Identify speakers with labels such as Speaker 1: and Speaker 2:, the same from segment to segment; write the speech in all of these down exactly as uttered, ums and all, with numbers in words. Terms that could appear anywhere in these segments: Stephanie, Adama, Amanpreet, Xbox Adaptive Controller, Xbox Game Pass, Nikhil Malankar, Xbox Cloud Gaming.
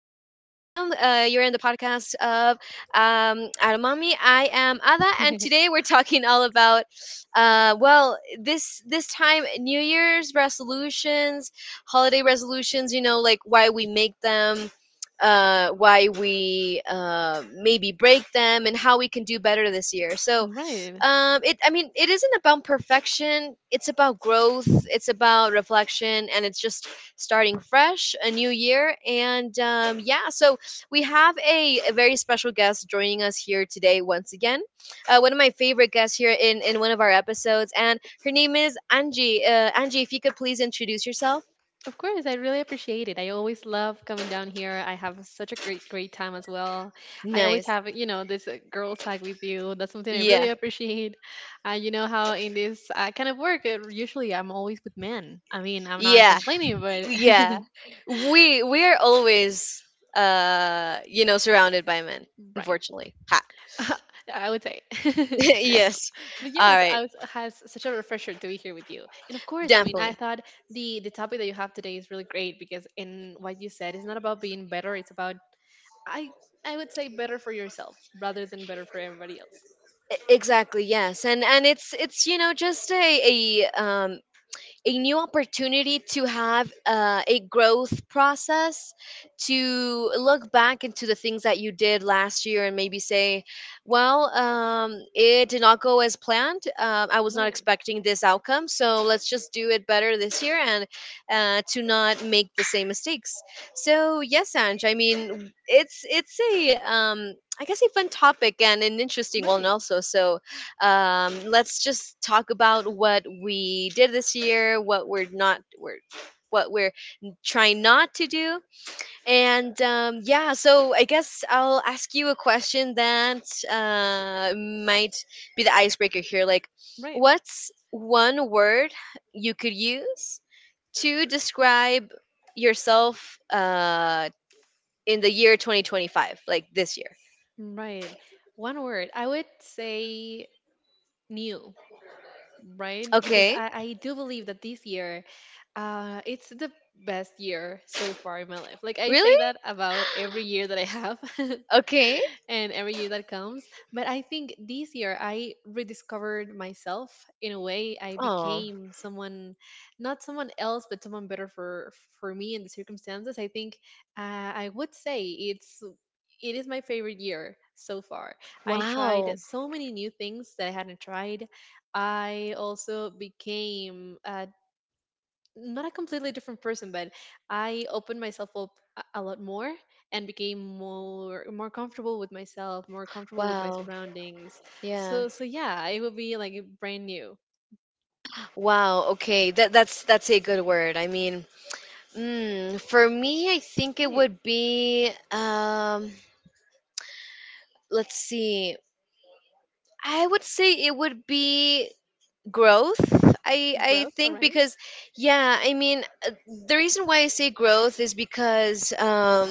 Speaker 1: Welcome. Uh you're in the podcast of um Adamami. I am Ada, and today we're talking all about uh well, this this time, New Year's resolutions, holiday resolutions, you know, like why we make them. Uh, why we uh, maybe break them and how we can do better this year. So,
Speaker 2: Right.
Speaker 1: um it I mean, it isn't about perfection, it's about growth, it's about reflection, and it's just starting fresh a new year. And um yeah, so we have a, a very special guest joining us here today once again, uh, one of my favorite guests here in in one of our episodes, and her name is Angie. Uh, angie, if you could please introduce yourself.
Speaker 2: Of course, I really appreciate it. I always love coming down here. I have such a great, great time as well. I always
Speaker 1: Nice.
Speaker 2: have, you know, this uh, girl tag with you. That's something I really
Speaker 1: Yeah,
Speaker 2: appreciate. Uh, you know how in this uh, kind of work, uh, usually I'm always with men. I mean, I'm not
Speaker 1: yeah,
Speaker 2: complaining, but
Speaker 1: yeah. We we're always, uh you know, surrounded by men,
Speaker 2: right.
Speaker 1: unfortunately.
Speaker 2: I would say.
Speaker 1: Yes.
Speaker 2: But
Speaker 1: All
Speaker 2: yes, I
Speaker 1: right.
Speaker 2: was has such a refresher to be here with you. And of course, I mean, I
Speaker 1: Definitely.
Speaker 2: thought the the topic that you have today is really great because in what you said, it's not about being better; it's about I I would say better for yourself rather than better for everybody else.
Speaker 1: E- Exactly. Yes. And and it's it's you know, just a a um a new opportunity to have uh, a growth process, to look back into the things that you did last year and maybe say, well, um, it did not go as planned. um, I was not
Speaker 2: Right,
Speaker 1: expecting this outcome, so let's just do it better this year, and uh, to not make the same mistakes. So yes, Ange, I mean, it's it's a, um, I guess, a fun topic and an interesting one
Speaker 2: right,
Speaker 1: also. So um, let's just talk about what we did this year, what we're not, we're, what we're trying not to do, and um, yeah. So I guess I'll ask you a question that uh, might be the icebreaker here. Like,
Speaker 2: right.
Speaker 1: what's one word you could use to describe yourself uh, in the year twenty twenty-five, like this year?
Speaker 2: Right. One word. I would say new, right? Because
Speaker 1: Okay.
Speaker 2: I, I do believe that this year, uh, it's the best year so far in my life. Like I say
Speaker 1: Really?
Speaker 2: that about every year that I have
Speaker 1: Okay.
Speaker 2: and every year that comes. But I think this year I rediscovered myself in a way. I
Speaker 1: Oh,
Speaker 2: became someone, not someone else, but someone better for for me and the circumstances. I think uh, I would say it's it is my favorite year so far. I
Speaker 1: wow.
Speaker 2: tried so many new things that I hadn't tried. I also became uh, not a completely different person, but I opened myself up a a lot more and became more more comfortable with myself, more comfortable with my
Speaker 1: Wow.
Speaker 2: surroundings.
Speaker 1: Yeah.
Speaker 2: So so yeah, it would be like brand new,
Speaker 1: Wow. Okay. That that's that's a good word. I mean, mm, for me, I think it
Speaker 2: right?
Speaker 1: would be, um let's see. I would say it would be growth. I I
Speaker 2: Growth, all
Speaker 1: think
Speaker 2: right.
Speaker 1: because, yeah, I mean, uh, the reason why I say growth is because um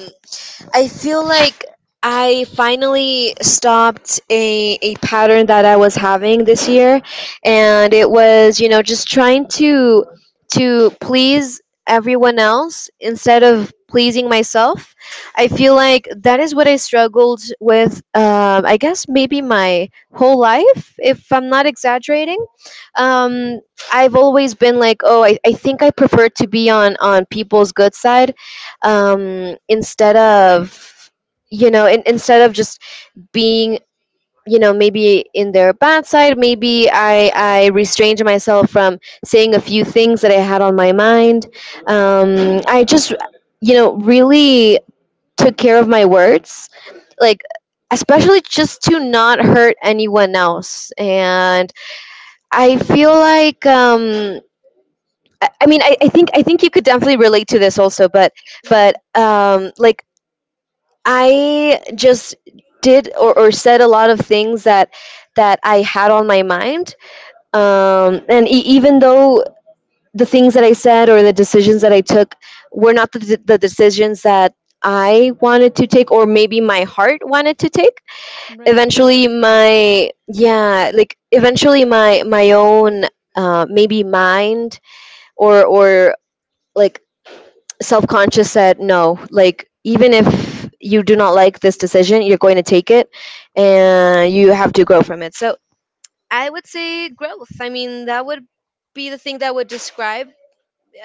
Speaker 1: I feel like I finally stopped a, a pattern that I was having this year, and it was, you know, just trying to to please everyone else
Speaker 2: All
Speaker 1: instead
Speaker 2: right,
Speaker 1: of pleasing myself. I feel like that is what I struggled with, um, I guess, maybe my whole life, if I'm not exaggerating. Um, I've always been like, oh, I, I think I prefer to be on on people's good side, um, instead
Speaker 2: all right.
Speaker 1: of, you know, in, instead of just being, you know, maybe in their bad side. Maybe i i restrained myself from saying a few things that I had on my mind. um, I just, you know, really took care of my words, like, especially just to not hurt anyone else. And I feel like, um i I mean, I, I think i think you could definitely relate to this also, but but
Speaker 2: Mm-hmm.
Speaker 1: um like, I just did, or, or said a lot of things that that I had on my mind. Um, and e- even though the things that I said or the decisions that I took were not the, the decisions that I wanted to take, or maybe my heart wanted to take,
Speaker 2: Right. No,
Speaker 1: eventually
Speaker 2: of course.
Speaker 1: my, yeah, like, eventually my my own, uh, maybe, mind or or like, self-conscious said, no, like, even if you do not like this decision, you're going to take it,
Speaker 2: Right,
Speaker 1: and you have to grow from it. So I would say growth. I mean, that would be the thing that would describe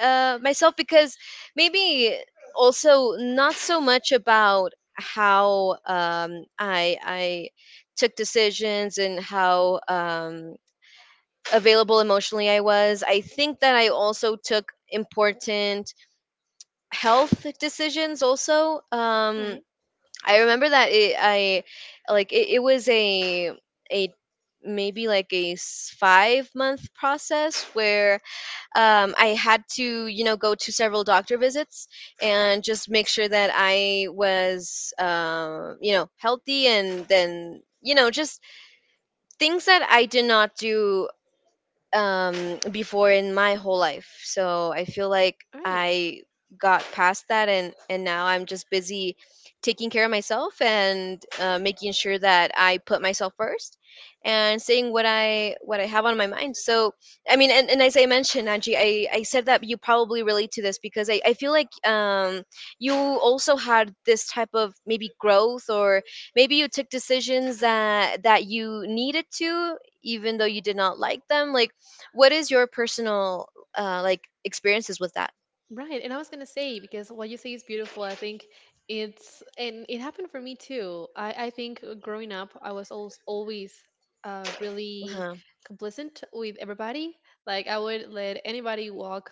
Speaker 1: uh, myself, because maybe, also, not so much about how, um, i i took decisions, and how, um, available emotionally I was. I think that I also took important health decisions also. Um
Speaker 2: right,
Speaker 1: I remember that it, I like, it, it was a a maybe like a s- five-month process where, um, I had to, you know, go to several doctor visits, and just make sure that I was, um, you know, healthy, and then, you know, just things that I did not do um before in my whole life. So I feel like
Speaker 2: all right.
Speaker 1: I got past that, and and now I'm just busy taking care of myself and, uh, making sure that I put myself first, and saying what i what I have on my mind. So I mean, and, and as I mentioned, Angie, I, I said that you probably relate to this, because, i, I feel like, um, you also had this type of maybe growth, or maybe you took decisions that that you needed to, even though you did not like them. Like, what is your personal, uh, like, experiences with that?
Speaker 2: Right, and I was gonna say, because what you say is beautiful. I think it's, and it happened for me too. I I think uh, growing up, I was always always uh really
Speaker 1: Uh-huh.
Speaker 2: complicit with everybody. Like I would let anybody walk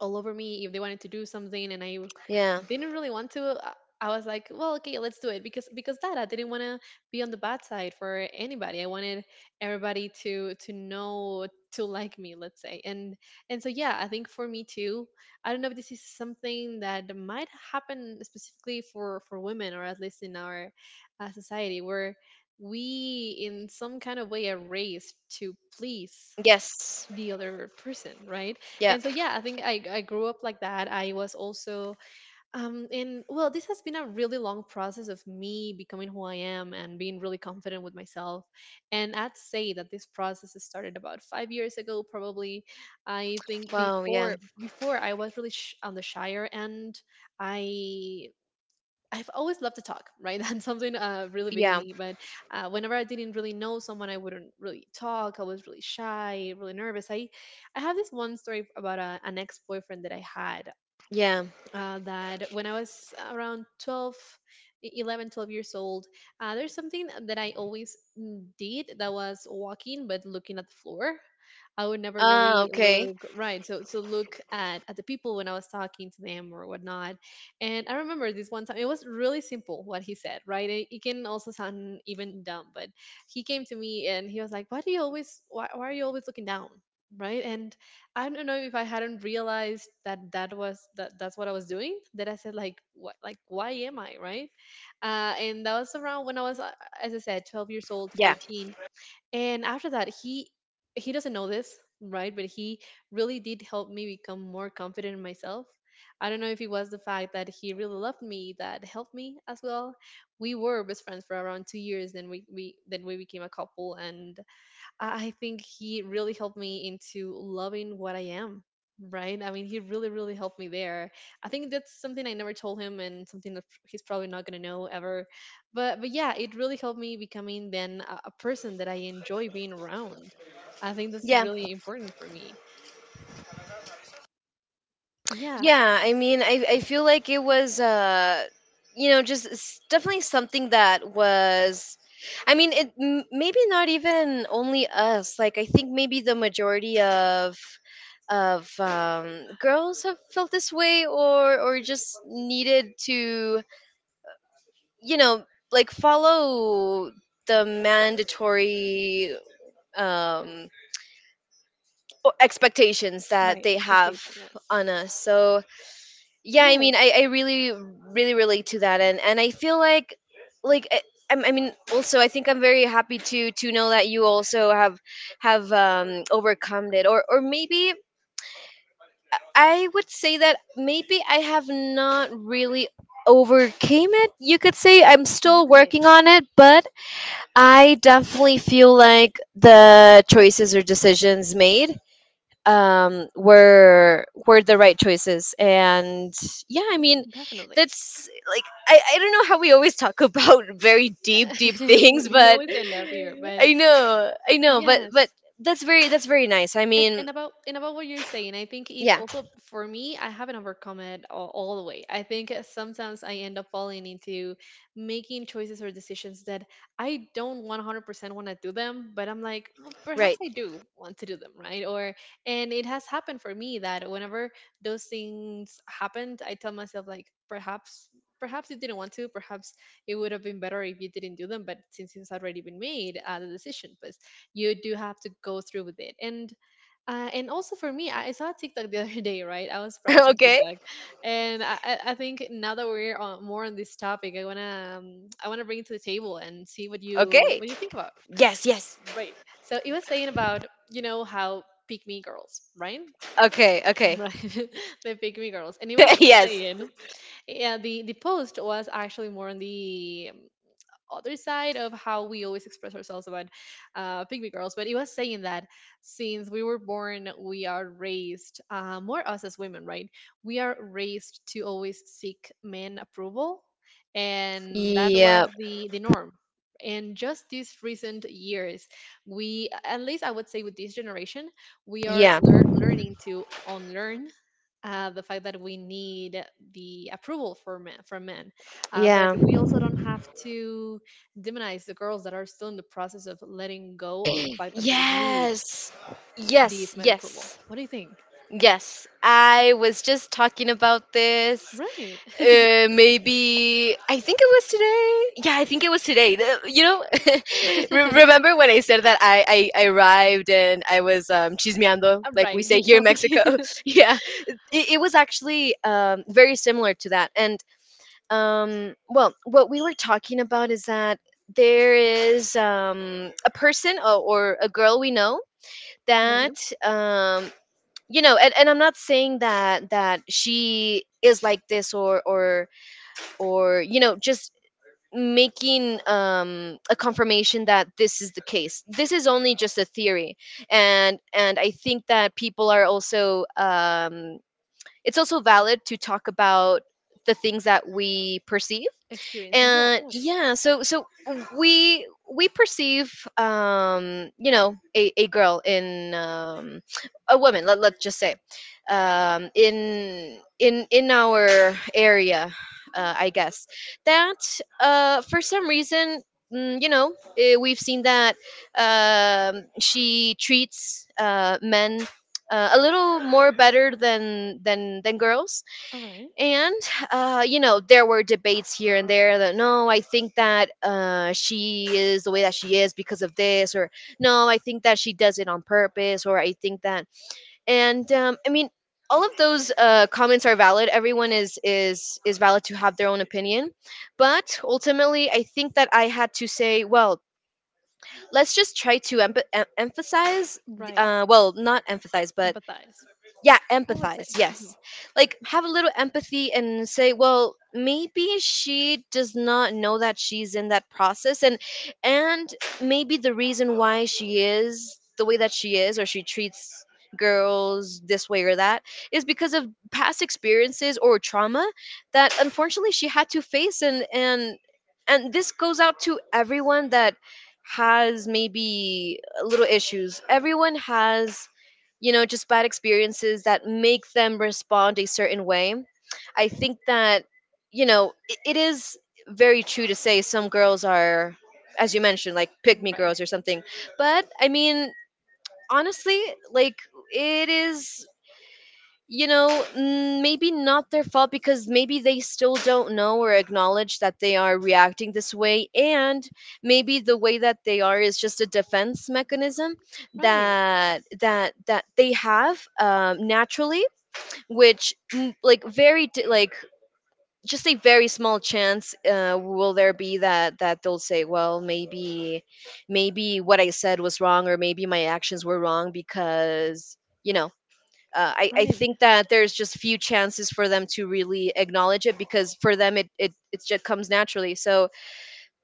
Speaker 2: all over me if they wanted to do something, and I
Speaker 1: Yeah.
Speaker 2: didn't really want to. uh, I was like, well, okay, let's do it, because because that I didn't want to be on the bad side for anybody. I wanted everybody to to know, to like me, let's say. And and so yeah, I think for me too, I don't know if this is something that might happen specifically for for women, or at least in our uh, society where we in some kind of way are raised to please
Speaker 1: Yes.
Speaker 2: the other person, right?
Speaker 1: Yeah.
Speaker 2: And so yeah, I think i i grew up like that. I was also um, and well, this has been a really long process of me becoming who I am and being really confident with myself. And I'd say that this process has started about five years ago, probably. I think
Speaker 1: Wow. Yeah.
Speaker 2: before before I was really sh- on the shyer end. I I've always loved to talk, right? That's something uh, really big in
Speaker 1: Yeah.
Speaker 2: me. But uh, whenever I didn't really know someone, I wouldn't really talk. I was really shy, really nervous. I I have this one story about a, an ex boyfriend that I had
Speaker 1: Yeah.
Speaker 2: uh, that when I was around twelve, e- eleven, twelve years old. Uh, there's something that I always mm, did, that was walking but looking at the floor. I would never
Speaker 1: Ah.
Speaker 2: really
Speaker 1: Okay.
Speaker 2: look right. So so look at, at the people when I was talking to them or whatnot. And I remember this one time, it was really simple what he said, right? It, it can also sound even dumb, but he came to me and he was like, Why do you always why, why are you always looking down?" Right? And I don't know if I hadn't realized that that was that that's what I was doing. That I said, like, what, like, why am I, right? Uh, and that was around when I was uh, as I said, twelve years old,
Speaker 1: Yeah.
Speaker 2: thirteen. And after that, he he doesn't know this, right, but he really did help me become more confident in myself. I don't know if it was the fact that he really loved me that helped me as well. We were best friends for around two years, then we, we then we became a couple, and I I think he really helped me into loving what I am. Right? I mean, he really, really helped me there. I think that's something I never told him, and something that he's probably not gonna know ever. But but yeah, it really helped me becoming then a, a person that I enjoy being around. I think that's
Speaker 1: Yeah.
Speaker 2: really important for me. But yeah,
Speaker 1: Yeah. I mean, I I feel like it was, uh, you know, just s- definitely something that was. I mean, it m- maybe not even only us. Like, I think maybe the majority of of um, girls have felt this way, or or just needed to, you know, like, follow the mandatory um o- expectations that
Speaker 2: right,
Speaker 1: they have
Speaker 2: expectation, yes.
Speaker 1: on us. So yeah, I mean,
Speaker 2: Yes,
Speaker 1: i, I really really relate to that, and and I feel like, like I, I'm- I mean, also, I think I'm very happy to to know that you also have have um overcome it, or or maybe I would say that maybe I have not really overcame it, you could say I'm still
Speaker 2: right,
Speaker 1: working on it. But I definitely feel like the choices or decisions made, um were were the right choices. And yeah, I mean,
Speaker 2: definitely.
Speaker 1: that's, like, i i don't know how we always talk about very deep deep things.
Speaker 2: We
Speaker 1: But
Speaker 2: always end up here, but
Speaker 1: I know, I know, but but
Speaker 2: yes.
Speaker 1: that's very that's very nice. I
Speaker 2: And,
Speaker 1: mean,
Speaker 2: and about and about what you're saying, I think it's
Speaker 1: yeah.
Speaker 2: also for me. I haven't overcome it all, all the way. I think sometimes I end up falling into making choices or decisions that I don't one hundred percent want to do them, but I'm like, well, perhaps
Speaker 1: Right.
Speaker 2: I do want to do them, right? Or, and it has happened for me that whenever those things happened, I tell myself, like, perhaps perhaps you didn't want to. Perhaps it would have been better if you didn't do them, but since it's already been made, uh, the decision was, you do have to go through with it. And uh, and also for me, I I saw TikTok the other day, right? I was browsing
Speaker 1: Okay,
Speaker 2: TikTok, and I, I I think now that we're on, more on this topic, I wanna um, I wanna bring it to the table and see what you
Speaker 1: okay.
Speaker 2: what you think about.
Speaker 1: Yes, yes.
Speaker 2: Right. So it was saying about you know how pick me girls, right?
Speaker 1: Okay, okay.
Speaker 2: Right, the pick me girls, and it was
Speaker 1: Yes.
Speaker 2: saying, yeah, the the post was actually more on the um, other side of how we always express ourselves about uh, pygmy girls. But it was saying that since we were born, we are raised, uh, more us as women, right? We are raised to always seek men approval, and that
Speaker 1: Yeah,
Speaker 2: was the the norm. And just these recent years, we, at least I would say with this generation, we are
Speaker 1: yeah,
Speaker 2: lear- learning to unlearn uh, the fact that we need the approval for men, from men. Uh, but
Speaker 1: yeah.
Speaker 2: we also don't have to demonize the girls that are still in the process of letting go of the fact that they need
Speaker 1: Yes.
Speaker 2: these
Speaker 1: Yes,
Speaker 2: men approval.
Speaker 1: yes.
Speaker 2: What do you think?
Speaker 1: Yes, I was just talking about this.
Speaker 2: Right.
Speaker 1: Uh, maybe I think it was today. Yeah, I think it was today. The- You know, re- remember when I said that I, I, I arrived and I was, um, chismeando, like we
Speaker 2: Right. You
Speaker 1: say here in
Speaker 2: tell me.
Speaker 1: Mexico. Yeah, it, it was actually, um, very similar to that. And, um, well, what we were talking about is that there is, um, a person, or, or a girl we know,
Speaker 2: Right.
Speaker 1: that, um you know, and, and I'm not saying that that she is like this, or or or you know, just making, um a confirmation that this is the case. This is only just a theory. And and I think that people are also, um it's also valid to talk about the things that we perceive.
Speaker 2: Experiencing. Yes.
Speaker 1: And
Speaker 2: Yes.
Speaker 1: yeah, so so we we perceive, um you know, a, a girl in, um a woman, let, let's just say, um in in in our area, uh, I guess, that, uh for some reason, mm, you know, eh, we've seen that, um she treats, uh men, uh, a little more better than than than girls.
Speaker 2: All right.
Speaker 1: And, uh, you know, there were debates here and there that, no, I think that, uh, she is the way that she is because of this, or no, I think that she does it on purpose, or I think that. And, um, I mean, all of those, uh, comments are valid. Everyone is is is valid to have their own opinion. But ultimately, I think that I had to say, well, let's just try to em- em- emphasize,
Speaker 2: Right.
Speaker 1: uh, well, not emphasize, but,
Speaker 2: Empathize,
Speaker 1: yeah,
Speaker 2: I would say.
Speaker 1: empathize.
Speaker 2: Mhm.
Speaker 1: Yes. Like, have a little empathy and say, well, maybe she does not know that she's in that process. And and maybe the reason why she is the way that she is, or she treats girls this way or that, is because of past experiences or trauma that unfortunately she had to face. And and and this goes out to everyone that has maybe little issues. Everyone has, you know, just bad experiences that make them respond a certain way. I think that, you know, it, it is very true to say some girls are, as you mentioned, like, pick me
Speaker 2: Right.
Speaker 1: girls or something. But I mean, honestly, like, it is, you know, mm, maybe not their fault, because maybe they still don't know or acknowledge that they are reacting this way. And maybe the way that they are is just a defense mechanism
Speaker 2: Right.
Speaker 1: that that that they have, um, naturally, which, mm, like, very di- like, just a very small chance, uh, will there be that that they'll say, well, maybe maybe what I said was wrong, or maybe my actions were wrong. Because, you know, uh, I, I
Speaker 2: Right.
Speaker 1: think that there's just few chances for them to really acknowledge it, because for them it, it, it just comes naturally. So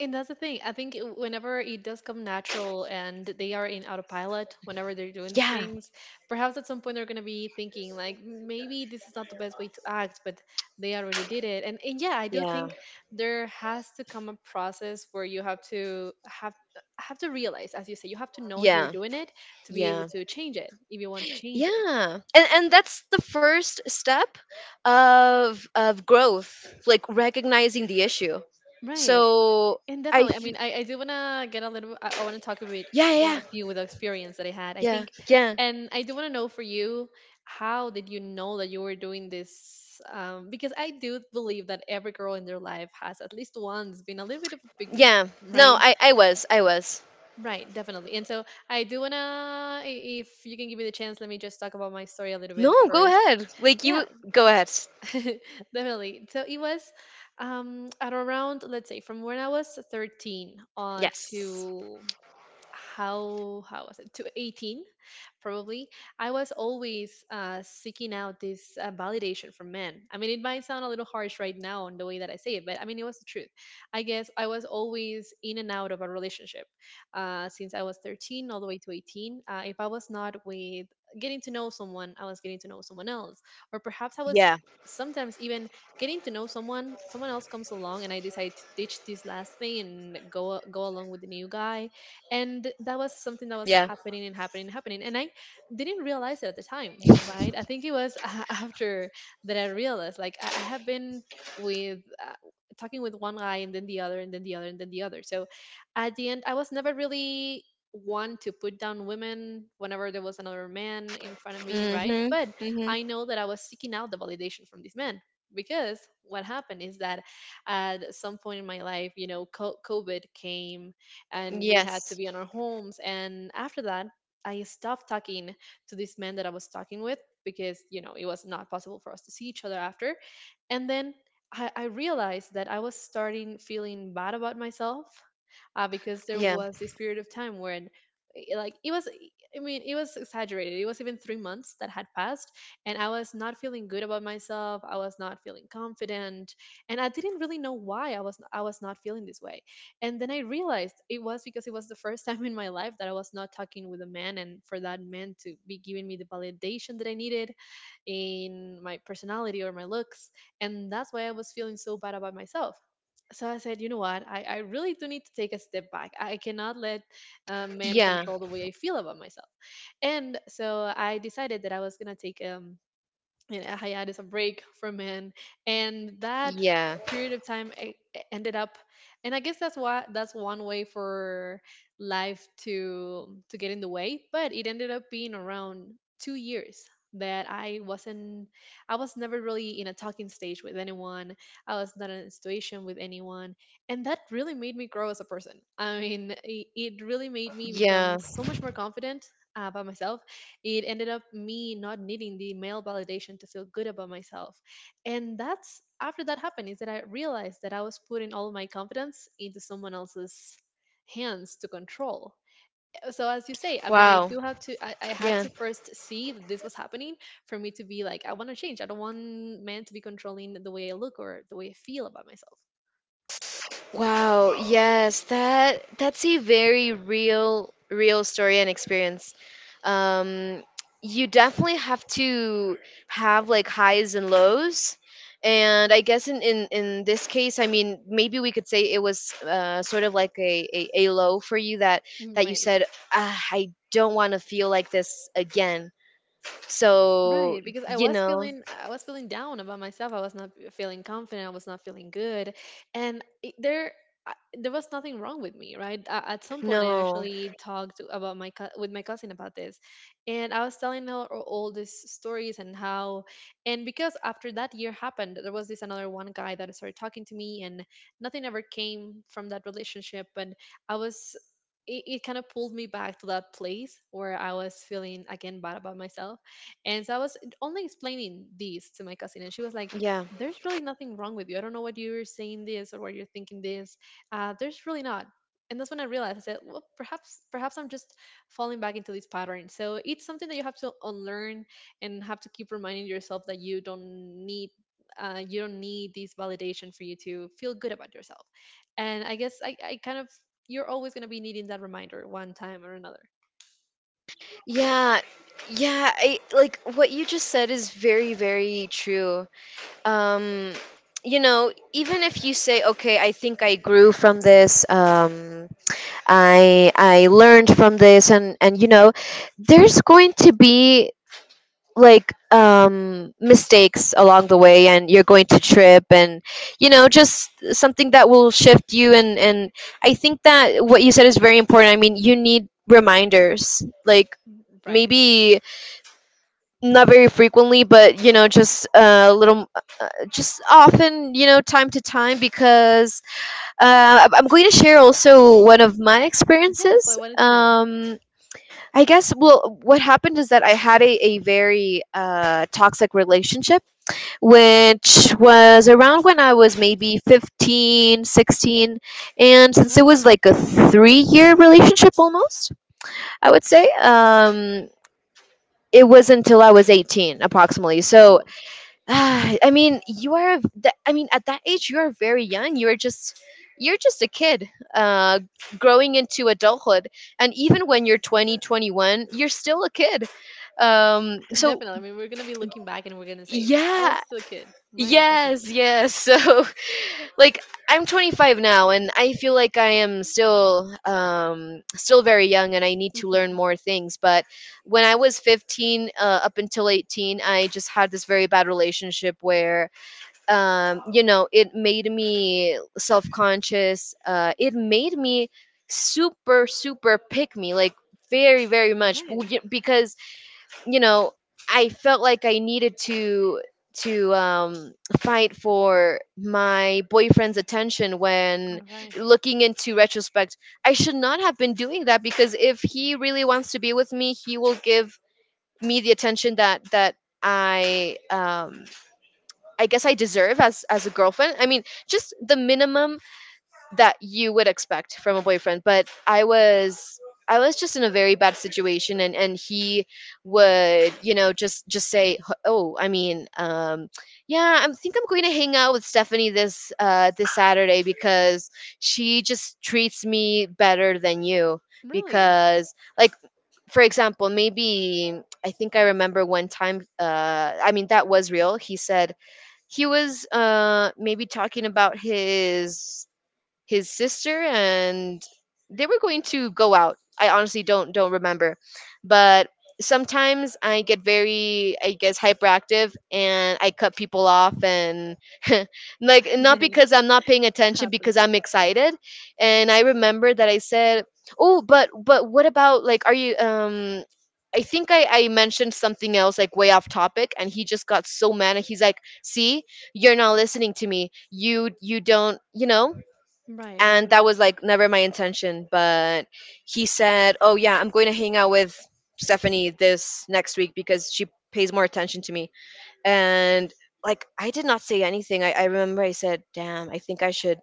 Speaker 2: And that's the thing. I think it- whenever it does come natural and they are in autopilot, whenever they're doing these
Speaker 1: yeah,
Speaker 2: things, perhaps at some point they're going to be thinking, like, maybe this is not the best way to act. But they already did it. And, and yeah, I do
Speaker 1: yeah,
Speaker 2: think there has to come a process where you have to have have to realize, as you say, you have to know you're
Speaker 1: yeah,
Speaker 2: doing it to be able
Speaker 1: yeah,
Speaker 2: to change it if you want to change it.
Speaker 1: yeah. And and that's the first step of of growth, like recognizing the issue.
Speaker 2: Right.
Speaker 1: So
Speaker 2: And
Speaker 1: I
Speaker 2: definitely, I
Speaker 1: th-
Speaker 2: mean, I, I do want to get a little, I, I want to talk a bit
Speaker 1: yeah, yeah,
Speaker 2: about you with the experience that I had, I
Speaker 1: yeah,
Speaker 2: think.
Speaker 1: yeah,
Speaker 2: And I do want to know, for you, how did you know that you were doing this? Um, because I do believe that every girl in their life has at least once been a little bit of a pygmy,
Speaker 1: yeah. No,
Speaker 2: right?
Speaker 1: I I was, I was.
Speaker 2: Right, definitely. And so I do want to, if you can give me the chance, let me just talk about my story a little bit
Speaker 1: No, go
Speaker 2: first.
Speaker 1: ahead. Like
Speaker 2: Yeah,
Speaker 1: you go ahead.
Speaker 2: definitely. So it was um, at around, let's say, from when I was thirteen uh,
Speaker 1: Yes.
Speaker 2: to how how was it, to eighteen probably. I was always uh, seeking out this uh, validation from men. I mean, it might sound a little harsh right now on the way that I say it, but I mean, it was the truth. I guess I was always in and out of a relationship uh, since I was thirteen all the way to eighteen. Uh, if I was not with getting to know someone, I was getting to know someone else. Or perhaps I was
Speaker 1: Yeah.
Speaker 2: sometimes even getting to know someone, someone else comes along, and I decide to ditch this last thing and go go along with the new guy. And that was something that was
Speaker 1: Yeah.
Speaker 2: happening and happening and happening, and I didn't realize it at the time, right? I think it was after that I realized, like, I, I have been with uh, talking with one guy and then the other and then the other and then the other. So at the end, I was never really one to put down women whenever there was another man in front of me, right?
Speaker 1: Mhm.
Speaker 2: But
Speaker 1: Mhm.
Speaker 2: I know that I was seeking out the validation from these men because what happened is that at some point in my life, you know, co- COVID came and we had to
Speaker 1: Yes.
Speaker 2: be in our homes. And after that, I stopped talking to this man that I was talking with because you know it was not possible for us to see each other after. And then I, I realized that I was starting feeling bad about myself uh, because there
Speaker 1: Yeah.
Speaker 2: was this period of time when eh, like it was i mean it was exaggerated. It was even three months that had passed, and I was not feeling good about myself. I was not feeling confident, and I didn't really know why i was i was not feeling this way. And then I realized it was because it was the first time in my life that I was not talking with a man, and for that man to be giving me the validation that I needed in my personality or my looks. And that's why I was feeling so bad about myself. So I said, you know what? I, I really do need to take a step back. I cannot let uh, men
Speaker 1: Yeah.
Speaker 2: control the way I feel about myself. And so I decided that I was going to take um, and a hiatus, a break for men, and that
Speaker 1: Yeah.
Speaker 2: period of time e- e- ended up, and I guess that's why, that's one way for life to to get in the way. But it ended up being around two years that I wasn't. I was never really in a talking stage with anyone. I was not in a situation with anyone, and that really made me grow as a person. I mean, it, it really made me become
Speaker 1: Yeah.
Speaker 2: so much more confident uh, about myself. It ended up me not needing the male validation to feel good about myself. And that's, after that happened, is that I realized that I was putting all my confidence into someone else's hands to control. So as you say, I mean, I
Speaker 1: Wow.
Speaker 2: do have to, i, I had
Speaker 1: Yeah.
Speaker 2: to first see that this was happening for me to be like, I want to change. I don't want men to be controlling the way I look or the way I feel about myself.
Speaker 1: Wow. Yes. That that's a very real real story and experience. Um you definitely have to have like highs and lows. And I guess in, in, in this case, I mean, maybe we could say it was uh, sort of like a, a, a low for you that,
Speaker 2: Mm,
Speaker 1: that you
Speaker 2: right.
Speaker 1: said, ah, I don't want to feel like this again. So,
Speaker 2: Right, because I
Speaker 1: you
Speaker 2: was
Speaker 1: know,
Speaker 2: feeling I was feeling down about myself. I was not feeling confident. I was not feeling good, and it, there I- there was nothing wrong with me, right? A- At some point, I
Speaker 1: No.
Speaker 2: actually talked to- about my cou- with my cousin about this, and I was telling her all all these stories and how, and because after that year happened, there was this another one guy that started talking to me, and nothing ever came from that relationship, but I was. It, it kind of pulled me back to that place where I was feeling again bad about myself, and so I was only explaining this to my cousin, and she was like,
Speaker 1: Yeah.
Speaker 2: there's really nothing wrong with you. I don't know what you're saying this or what you're thinking this. Uh, there's really not. And that's when I realized, I said, well, perhaps perhaps I'm just falling back into this pattern. So it's something that you have to unlearn and have to keep reminding yourself that you don't need uh, you don't need this validation for you to feel good about yourself. And I guess I, I kind of you're always gonna be needing that reminder one time or another.
Speaker 1: Yeah. Yeah, I like what you just said is very very true. Um you know, Even if you say okay, I think I grew from this. um I I learned from this, and and you know, there's going to be like um mistakes along the way, and you're going to trip, and you know just something that will shift you, and and I think that what you said is very important. I mean, you need reminders, like
Speaker 2: Right.
Speaker 1: maybe not very frequently, but you know just a little, uh, just often, you know time to time, because uh, i'm I'm going to share also one of my
Speaker 2: Yes, I
Speaker 1: experiences.
Speaker 2: wanted to know.
Speaker 1: um I guess, well, what happened is that I had a, a very uh, toxic relationship, which was around when I was maybe fifteen, sixteen. And since it
Speaker 2: Right.
Speaker 1: was like a three year relationship almost, I would say, um, it was until I was eighteen approximately. So
Speaker 2: Oh.
Speaker 1: Ah, I mean, you are. Th- I mean, at that age, you are very young. You are just, you're just a kid, uh, growing into adulthood. And even when you're twenty, twenty-one, you're still a kid. Um, so
Speaker 2: Definitely. I mean, we're gonna be looking back, and we're gonna say, "Wow, I
Speaker 1: yeah,
Speaker 2: was still a kid." Right.
Speaker 1: yes,
Speaker 2: Definitely.
Speaker 1: yes. So like, I'm twenty-five now, and I feel like I am still, um, still very young, and I need to learn
Speaker 2: Hmm.
Speaker 1: more things. But when I was fifteen, uh, up until eighteen, I just had this very bad relationship where um, you know, it made me self conscious. Uh, it made me super, super pick me, like very, very much b-
Speaker 2: Right.
Speaker 1: y- because, you know, I felt like I needed to to um, fight for my boyfriend's attention,
Speaker 2: All
Speaker 1: when
Speaker 2: right.
Speaker 1: looking into retrospect I should not have been doing that, because if he really wants to be with me, he will give me the attention that that i um, I guess I deserve as as a girlfriend. I mean, just the minimum that you would expect from a boyfriend. But I was I was just in a very bad situation, and and he would you know just just say, oh, I mean, um, yeah, I think I'm going to hang out with Stephanie this uh this Saturday because she just treats me better than you,
Speaker 2: Really.
Speaker 1: because like, for example, maybe I think I remember one time, uh I mean, that was real. He said he was uh maybe talking about his his sister, and they were going to go out. I honestly don't don't remember. But sometimes I get very, I guess, hyperactive, and I cut people off, and like, not because I'm not paying attention,
Speaker 2: Happens.
Speaker 1: because
Speaker 2: Yes.
Speaker 1: I'm excited. And I remember that I said, oh, but but what about like, are you um I think I, I mentioned something else like way off topic, and he just got so mad, and he's like, see, you're not listening to me. You you don't you know
Speaker 2: Right. No.
Speaker 1: And that
Speaker 2: No.
Speaker 1: was like never my intention. But he said, oh yeah, I'm going to hang out with Stephanie this next week because she pays more attention to me. And like, I did not say anything. I, I remember I said, damn, I think I should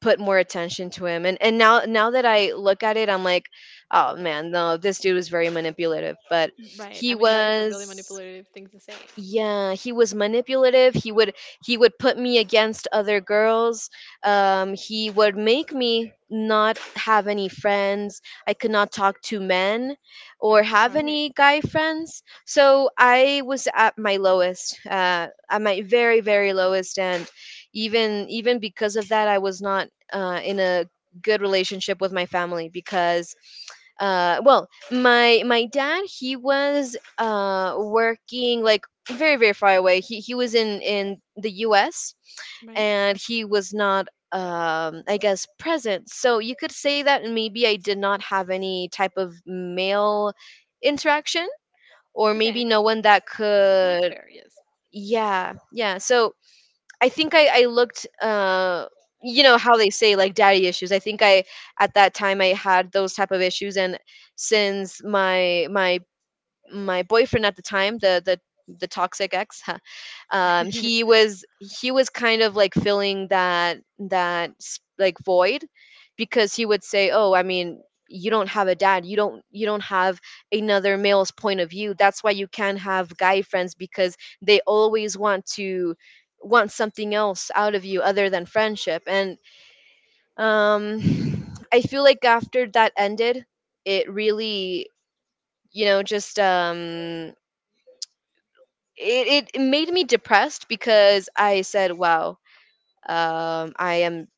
Speaker 1: put more attention to him. And and now now that I look at it, I'm like, oh man, no, this dude was very manipulative. But
Speaker 2: Right.
Speaker 1: he
Speaker 2: I mean, that is a really
Speaker 1: was
Speaker 2: manipulative thing to say.
Speaker 1: yeah, he was manipulative. He would he would put me against other girls. Um he would make me not have any friends. I could not talk to men or have
Speaker 2: All right.
Speaker 1: any guy friends. So I was at my lowest, uh at my very very lowest. And even even because of that, I was not uh in a good relationship with my family, because, uh well, my my dad, he was uh working, like, very very far away. He he was in in the U S.
Speaker 2: Right.
Speaker 1: And he was not, um I guess, present. So you could say that maybe I did not have any type of male interaction, or maybe
Speaker 2: Okay.
Speaker 1: no one that
Speaker 2: I think it's
Speaker 1: could.
Speaker 2: fair. Yes.
Speaker 1: Yeah, yeah, so I think I I looked, uh you know how they say, like daddy issues. I think I At that time I had those type of issues. And since my my my boyfriend at the time, the the the toxic ex, huh, um he was he was kind of like filling that that s- like, void. Because he would say, oh, I mean, you don't have a dad. You don't you don't have another male's point of view. That's why you can't have guy friends, because they always want to want something else out of you other than friendship. And um I feel like after that ended, it really, you know just, um it, it made me depressed. Because I said, wow, um, I am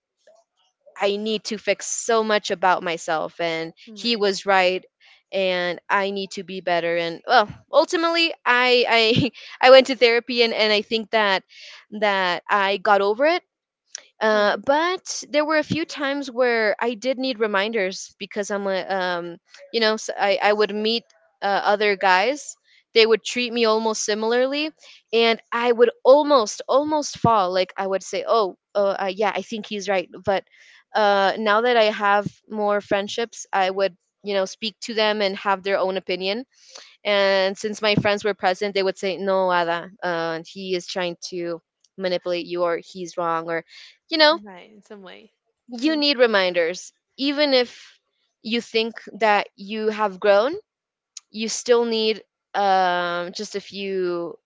Speaker 1: I need to fix so much about myself, and he
Speaker 2: Right.
Speaker 1: was right. And I need to be better. And well, ultimately, I I I went to therapy. And, and I think that that I got over it.
Speaker 2: All
Speaker 1: Uh,
Speaker 2: right.
Speaker 1: but there were a few times where I did need reminders, because I'm a, um, you know, s I I I would meet uh, other guys. They would treat me almost similarly, and I would almost, almost fall. Like I would say, oh, uh, uh, yeah, I think he's right. But uh, now that I have more friendships, I would, you know, speak to them and have their own opinion. And since my friends were present, they would say, no, Ada, uh, he is trying to manipulate you, or he's wrong, or you know
Speaker 2: Right. In some way.
Speaker 1: you
Speaker 2: Mm-hmm.
Speaker 1: need reminders. Even if you think that you have grown, you still need, um, just a few,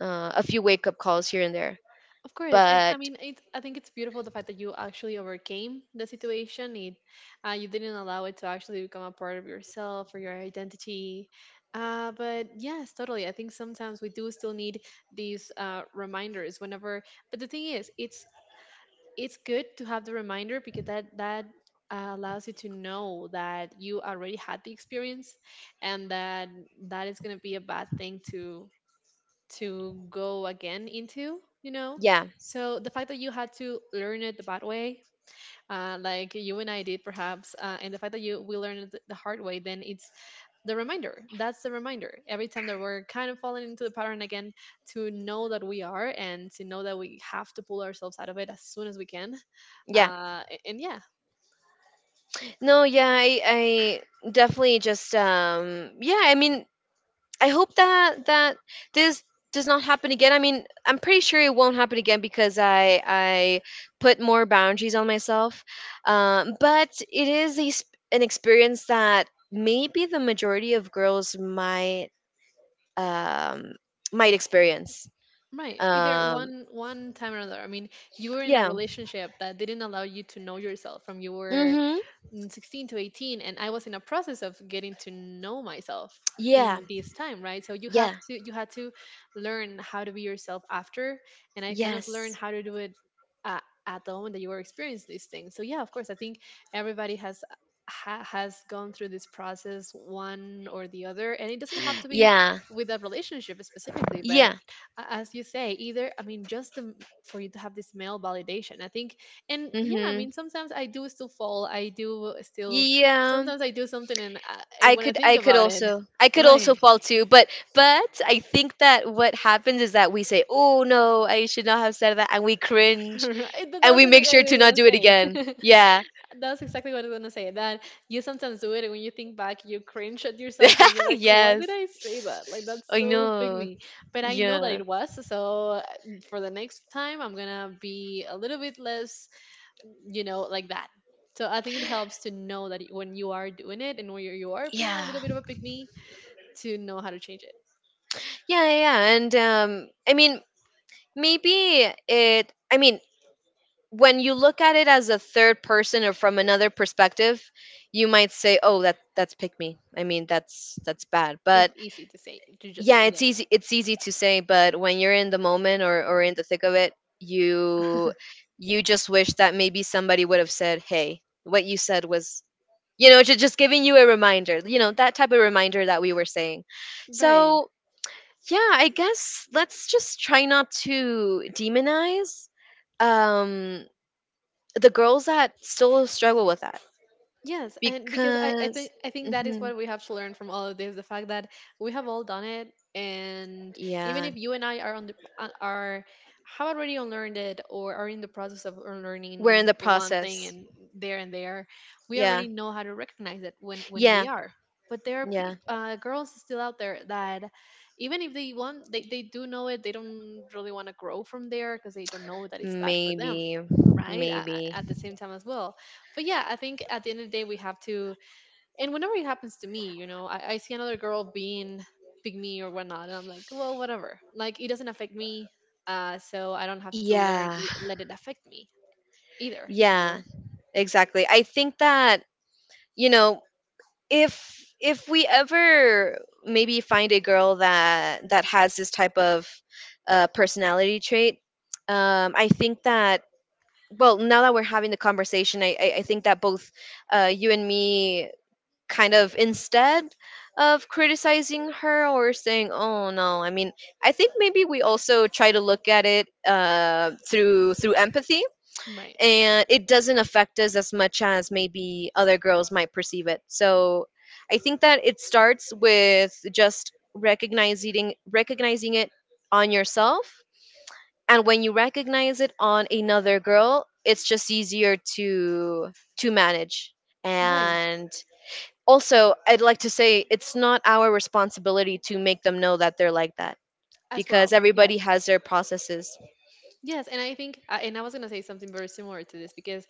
Speaker 1: uh, a few wake up calls here and there.
Speaker 2: Of course, and I
Speaker 1: But
Speaker 2: mean, it, I think it's beautiful the fact that you actually overcame the situation. It, uh, you didn't allow it to actually become a part of yourself or your identity. Uh, but yes, totally. I think sometimes we do still need these uh, reminders whenever. But the thing is, it's it's good to have the reminder because that that uh, allows you to know that you already had the experience, and that that is going to be a bad thing to to go again into, you know.
Speaker 1: yeah,
Speaker 2: So the fact that you had to learn it the bad way, uh, like you and I did perhaps, uh, and the fact that you we learned it the hard way, then it's the reminder. That's the reminder every time that we're kind of falling into the pattern again, to know that we are and to know that we have to pull ourselves out of it as soon as we can.
Speaker 1: yeah,
Speaker 2: Uh, a- and yeah.
Speaker 1: no, yeah, I, I definitely just, um, yeah. I mean, I hope that that this does not happen again. I mean, I'm pretty sure it won't happen again, because I I put more boundaries on myself. Um, but it is a, sp- an experience that maybe the majority of girls might, um, might experience.
Speaker 2: Right. Either
Speaker 1: Um,
Speaker 2: one one time or another. I mean, you were in a
Speaker 1: yeah.
Speaker 2: relationship that didn't allow you to know yourself from you were,
Speaker 1: Mm-hmm.
Speaker 2: mm, sixteen to eighteen, and I was in a process of getting to know myself
Speaker 1: Yeah.
Speaker 2: in this time, right? So you have
Speaker 1: Yeah.
Speaker 2: to you had to learn how to be yourself after, and I kind of learned
Speaker 1: Yes.
Speaker 2: how to do it uh, at the moment that you were experiencing these things. So yeah, of course, I think everybody has ha- has gone through this process one or the other, and it doesn't have to be
Speaker 1: Yeah.
Speaker 2: with that relationship specifically, but
Speaker 1: Yeah.
Speaker 2: a- as you say, either, I mean, just the, m- for you to have this male validation, I think. And yeah, I
Speaker 1: Mm-hmm.
Speaker 2: mean, sometimes I do still fall, I do still
Speaker 1: Yeah.
Speaker 2: sometimes I do something, and uh, and
Speaker 1: I
Speaker 2: when I
Speaker 1: could
Speaker 2: think
Speaker 1: I could
Speaker 2: about it,
Speaker 1: also I could also
Speaker 2: right.
Speaker 1: fall too, but but I think that what happens is that we say, oh no, I should not have said that, and we cringe,
Speaker 2: Right, that-
Speaker 1: and
Speaker 2: that's
Speaker 1: we
Speaker 2: what I
Speaker 1: make sure to
Speaker 2: was
Speaker 1: not
Speaker 2: gonna
Speaker 1: do it
Speaker 2: say.
Speaker 1: again. Yeah.
Speaker 2: That's exactly what I was gonna say, that you sometimes do it and when you think back, you cringe at yourself and you're like, why did
Speaker 1: Yes.
Speaker 2: I say that? Like, that's
Speaker 1: I
Speaker 2: so big
Speaker 1: know.
Speaker 2: me. But I know that
Speaker 1: Yeah.
Speaker 2: it was so, uh, for the next time I'm gonna be a little bit less, you know, like that. So I think it helps to know that when you are doing it and when you you are being a
Speaker 1: Yeah.
Speaker 2: little bit of a pick me, to know how to change it.
Speaker 1: Yeah, yeah, yeah. And um I mean, maybe it I mean, when you look at it as a third person or from another perspective, you might say, oh, that that's pick me. I mean, that's that's bad. But
Speaker 2: It's easy to say, to just
Speaker 1: yeah,
Speaker 2: say
Speaker 1: it's
Speaker 2: yes,
Speaker 1: easy it's easy to say, but when you're in the moment, or, or in the thick of it, you you just wish that maybe somebody would have said, hey, what you said was, you know just, just giving you a reminder, you know that type of reminder that we were saying.
Speaker 2: right?
Speaker 1: So yeah, I guess let's just try not to demonize um the girls that still struggle with that,
Speaker 2: Yes, and because I, I
Speaker 1: because
Speaker 2: think I think that is
Speaker 1: mhm,
Speaker 2: what we have to learn from all of this, the fact that we have all done it. And even
Speaker 1: yeah,
Speaker 2: if you and I are on the uh, are have already unlearned it, or are in the process of
Speaker 1: we're in
Speaker 2: unlearning
Speaker 1: the
Speaker 2: one thing,
Speaker 1: process.
Speaker 2: and there and there, we
Speaker 1: Yeah,
Speaker 2: already know how to recognize it when when
Speaker 1: yeah,
Speaker 2: we are. But there are
Speaker 1: yeah.
Speaker 2: peop uh, girls still out there that even if they want, they, they do know it, they don't really want to grow from there because they don't know that it's bad for them,
Speaker 1: Maybe,
Speaker 2: right? A- a-
Speaker 1: maybe.
Speaker 2: at the same time as well. But yeah, I think at the end of the day, we have to. And whenever it happens to me, you know, I, I see another girl being big me or whatnot, and I'm like, well, whatever. Like, it doesn't affect me, uh, so I don't have to learn,
Speaker 1: Yeah,
Speaker 2: l- let it affect me either. You
Speaker 1: yeah,
Speaker 2: know,
Speaker 1: exactly. I think that, you know, if if we ever maybe find a girl that that has this type of, uh, personality trait, um, I think that, well, now that we're having the conversation, I I, I think that both, uh, you and me, kind of, instead of criticizing her or saying, oh no, I mean, I think maybe we also try to look at it uh, through through empathy,
Speaker 2: right,
Speaker 1: and it doesn't affect us as much as maybe other girls might perceive it. So I think that it starts with just recognizing recognizing it on yourself, and when you recognize it on another girl, it's just easier to to manage.
Speaker 2: right,
Speaker 1: And also, I'd like to say, it's not our responsibility to make them know that they're like that,
Speaker 2: as
Speaker 1: because
Speaker 2: well.
Speaker 1: everybody
Speaker 2: Yes,
Speaker 1: has their processes.
Speaker 2: yes. And I think, uh, and I was gonna say something very similar to this because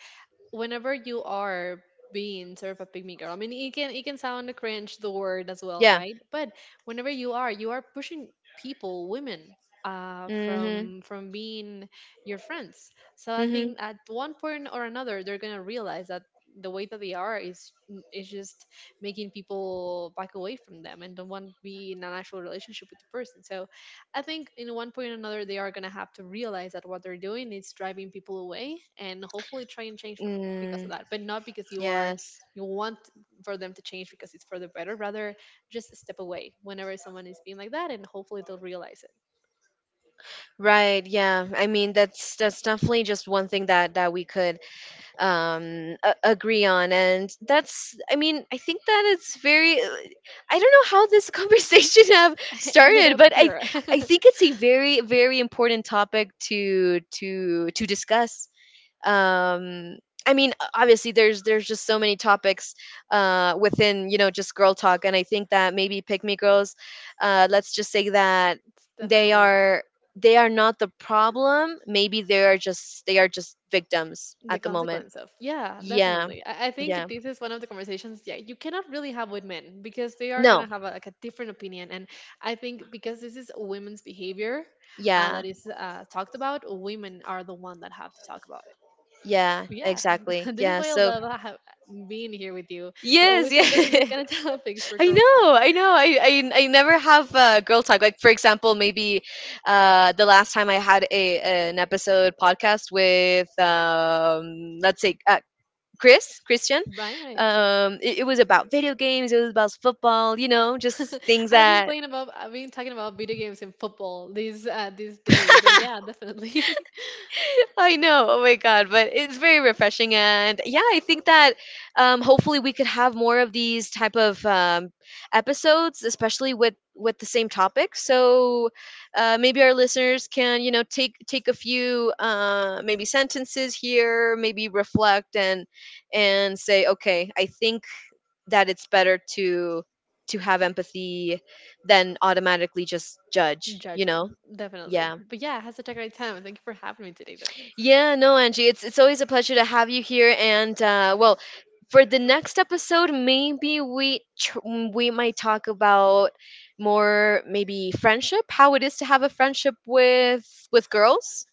Speaker 2: whenever you are being sort of a pygmy girl, I mean, it can it can sound cringe the word as well,
Speaker 1: Yeah.
Speaker 2: right? But whenever you are, you are pushing people, women, uh,
Speaker 1: Mhm.
Speaker 2: from from being your friends. So I
Speaker 1: Mhm.
Speaker 2: think at one point or another, they're gonna realize that the way that they are is is just making people back away from them and don't want to be in an actual relationship with the person. So I think in one point or another they are gonna have to realize that what they're doing is driving people away, and hopefully try and change because of
Speaker 1: Mm.
Speaker 2: that, but not because you are
Speaker 1: Yes,
Speaker 2: you want for them to change because it's for the better. Rather, just step away whenever someone is being like that, and hopefully they'll realize it.
Speaker 1: right. Yeah, I mean, that's that's definitely just one thing that that we could um a- agree on. And that's I mean, I think that it's very... I don't know how this conversation have
Speaker 2: Ended
Speaker 1: started,
Speaker 2: up
Speaker 1: but i
Speaker 2: here.
Speaker 1: i
Speaker 2: It's
Speaker 1: think it's a very very important topic to to to discuss. um I mean, o- obviously there's there's just so many topics uh within, you know just girl talk. And I think that maybe pick me girls, uh let's just say that they
Speaker 2: definitely one,
Speaker 1: are they are not the problem. Maybe they are just they are just victims
Speaker 2: the
Speaker 1: at the moment.
Speaker 2: consequence of, yeah,
Speaker 1: Yeah,
Speaker 2: definitely. I, I think
Speaker 1: yeah,
Speaker 2: this is one of the conversations, yeah, you cannot really have with men because they are gonna
Speaker 1: no,
Speaker 2: have a, like, a different opinion. And I think because this is women's behavior uh,
Speaker 1: yeah,
Speaker 2: that is uh, talked about, women are the one that have to talk about.
Speaker 1: yeah,
Speaker 2: Yeah,
Speaker 1: exactly,
Speaker 2: this is
Speaker 1: yeah.
Speaker 2: why I
Speaker 1: So
Speaker 2: love ha- being here with you. We
Speaker 1: yes,
Speaker 2: always end up in this
Speaker 1: yeah,
Speaker 2: kind of topics for
Speaker 1: I
Speaker 2: girl talk.
Speaker 1: know, I know. I, I I never have, uh, girl talk. Like for example, maybe, uh, the last time I had a an episode podcast with, um, let's say, uh, Chris Christian,
Speaker 2: Right, right.
Speaker 1: um, it, it was about video games. It was about football. You know, just things
Speaker 2: I've been
Speaker 1: that
Speaker 2: playing about, I've been talking about video games and football these uh, these days. So yeah, definitely.
Speaker 1: I know. Oh my God. But it's very refreshing. And yeah, I think that, um, hopefully we could have more of these type of, um, episodes, especially with with the same topic. So, uh, maybe our listeners can, you know, take take a few, uh, maybe sentences here, maybe reflect, and and say, okay, I think that it's better to to have empathy than automatically just judge, you know?
Speaker 2: Judging, definitely.
Speaker 1: Yeah.
Speaker 2: But yeah, I had such a great time. Thank you for having me today, though.
Speaker 1: Yeah, no, Angie, it's it's always a pleasure to have you here. And uh, well, for the next episode, maybe we tr- we might talk about more maybe friendship, how it is to have a friendship with with girls,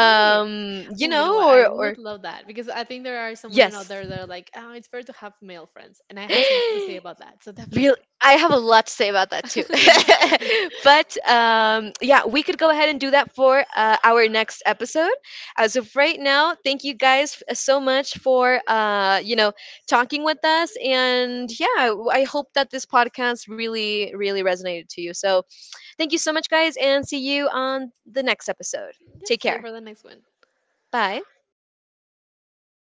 Speaker 2: All right.
Speaker 1: you
Speaker 2: Oh, you know what?
Speaker 1: know,
Speaker 2: I
Speaker 1: or
Speaker 2: would
Speaker 1: or
Speaker 2: love that because I think there are some women out
Speaker 1: yes.
Speaker 2: there that are like, oh, it's better to have male friends, and I have something to say about that. So
Speaker 1: Real,
Speaker 2: definitely.
Speaker 1: I have a lot to say about that too.
Speaker 2: Yeah.
Speaker 1: But um, yeah, we could go ahead and do that for, uh, our next episode. As of right now, thank you guys, f- so much, for uh, you know talking with us. And yeah, w- I hope that this podcast really really resonated to you. So thank you so much, guys, and see you on the next episode. Take
Speaker 2: See you
Speaker 1: care.
Speaker 2: for the next one.
Speaker 1: Bye.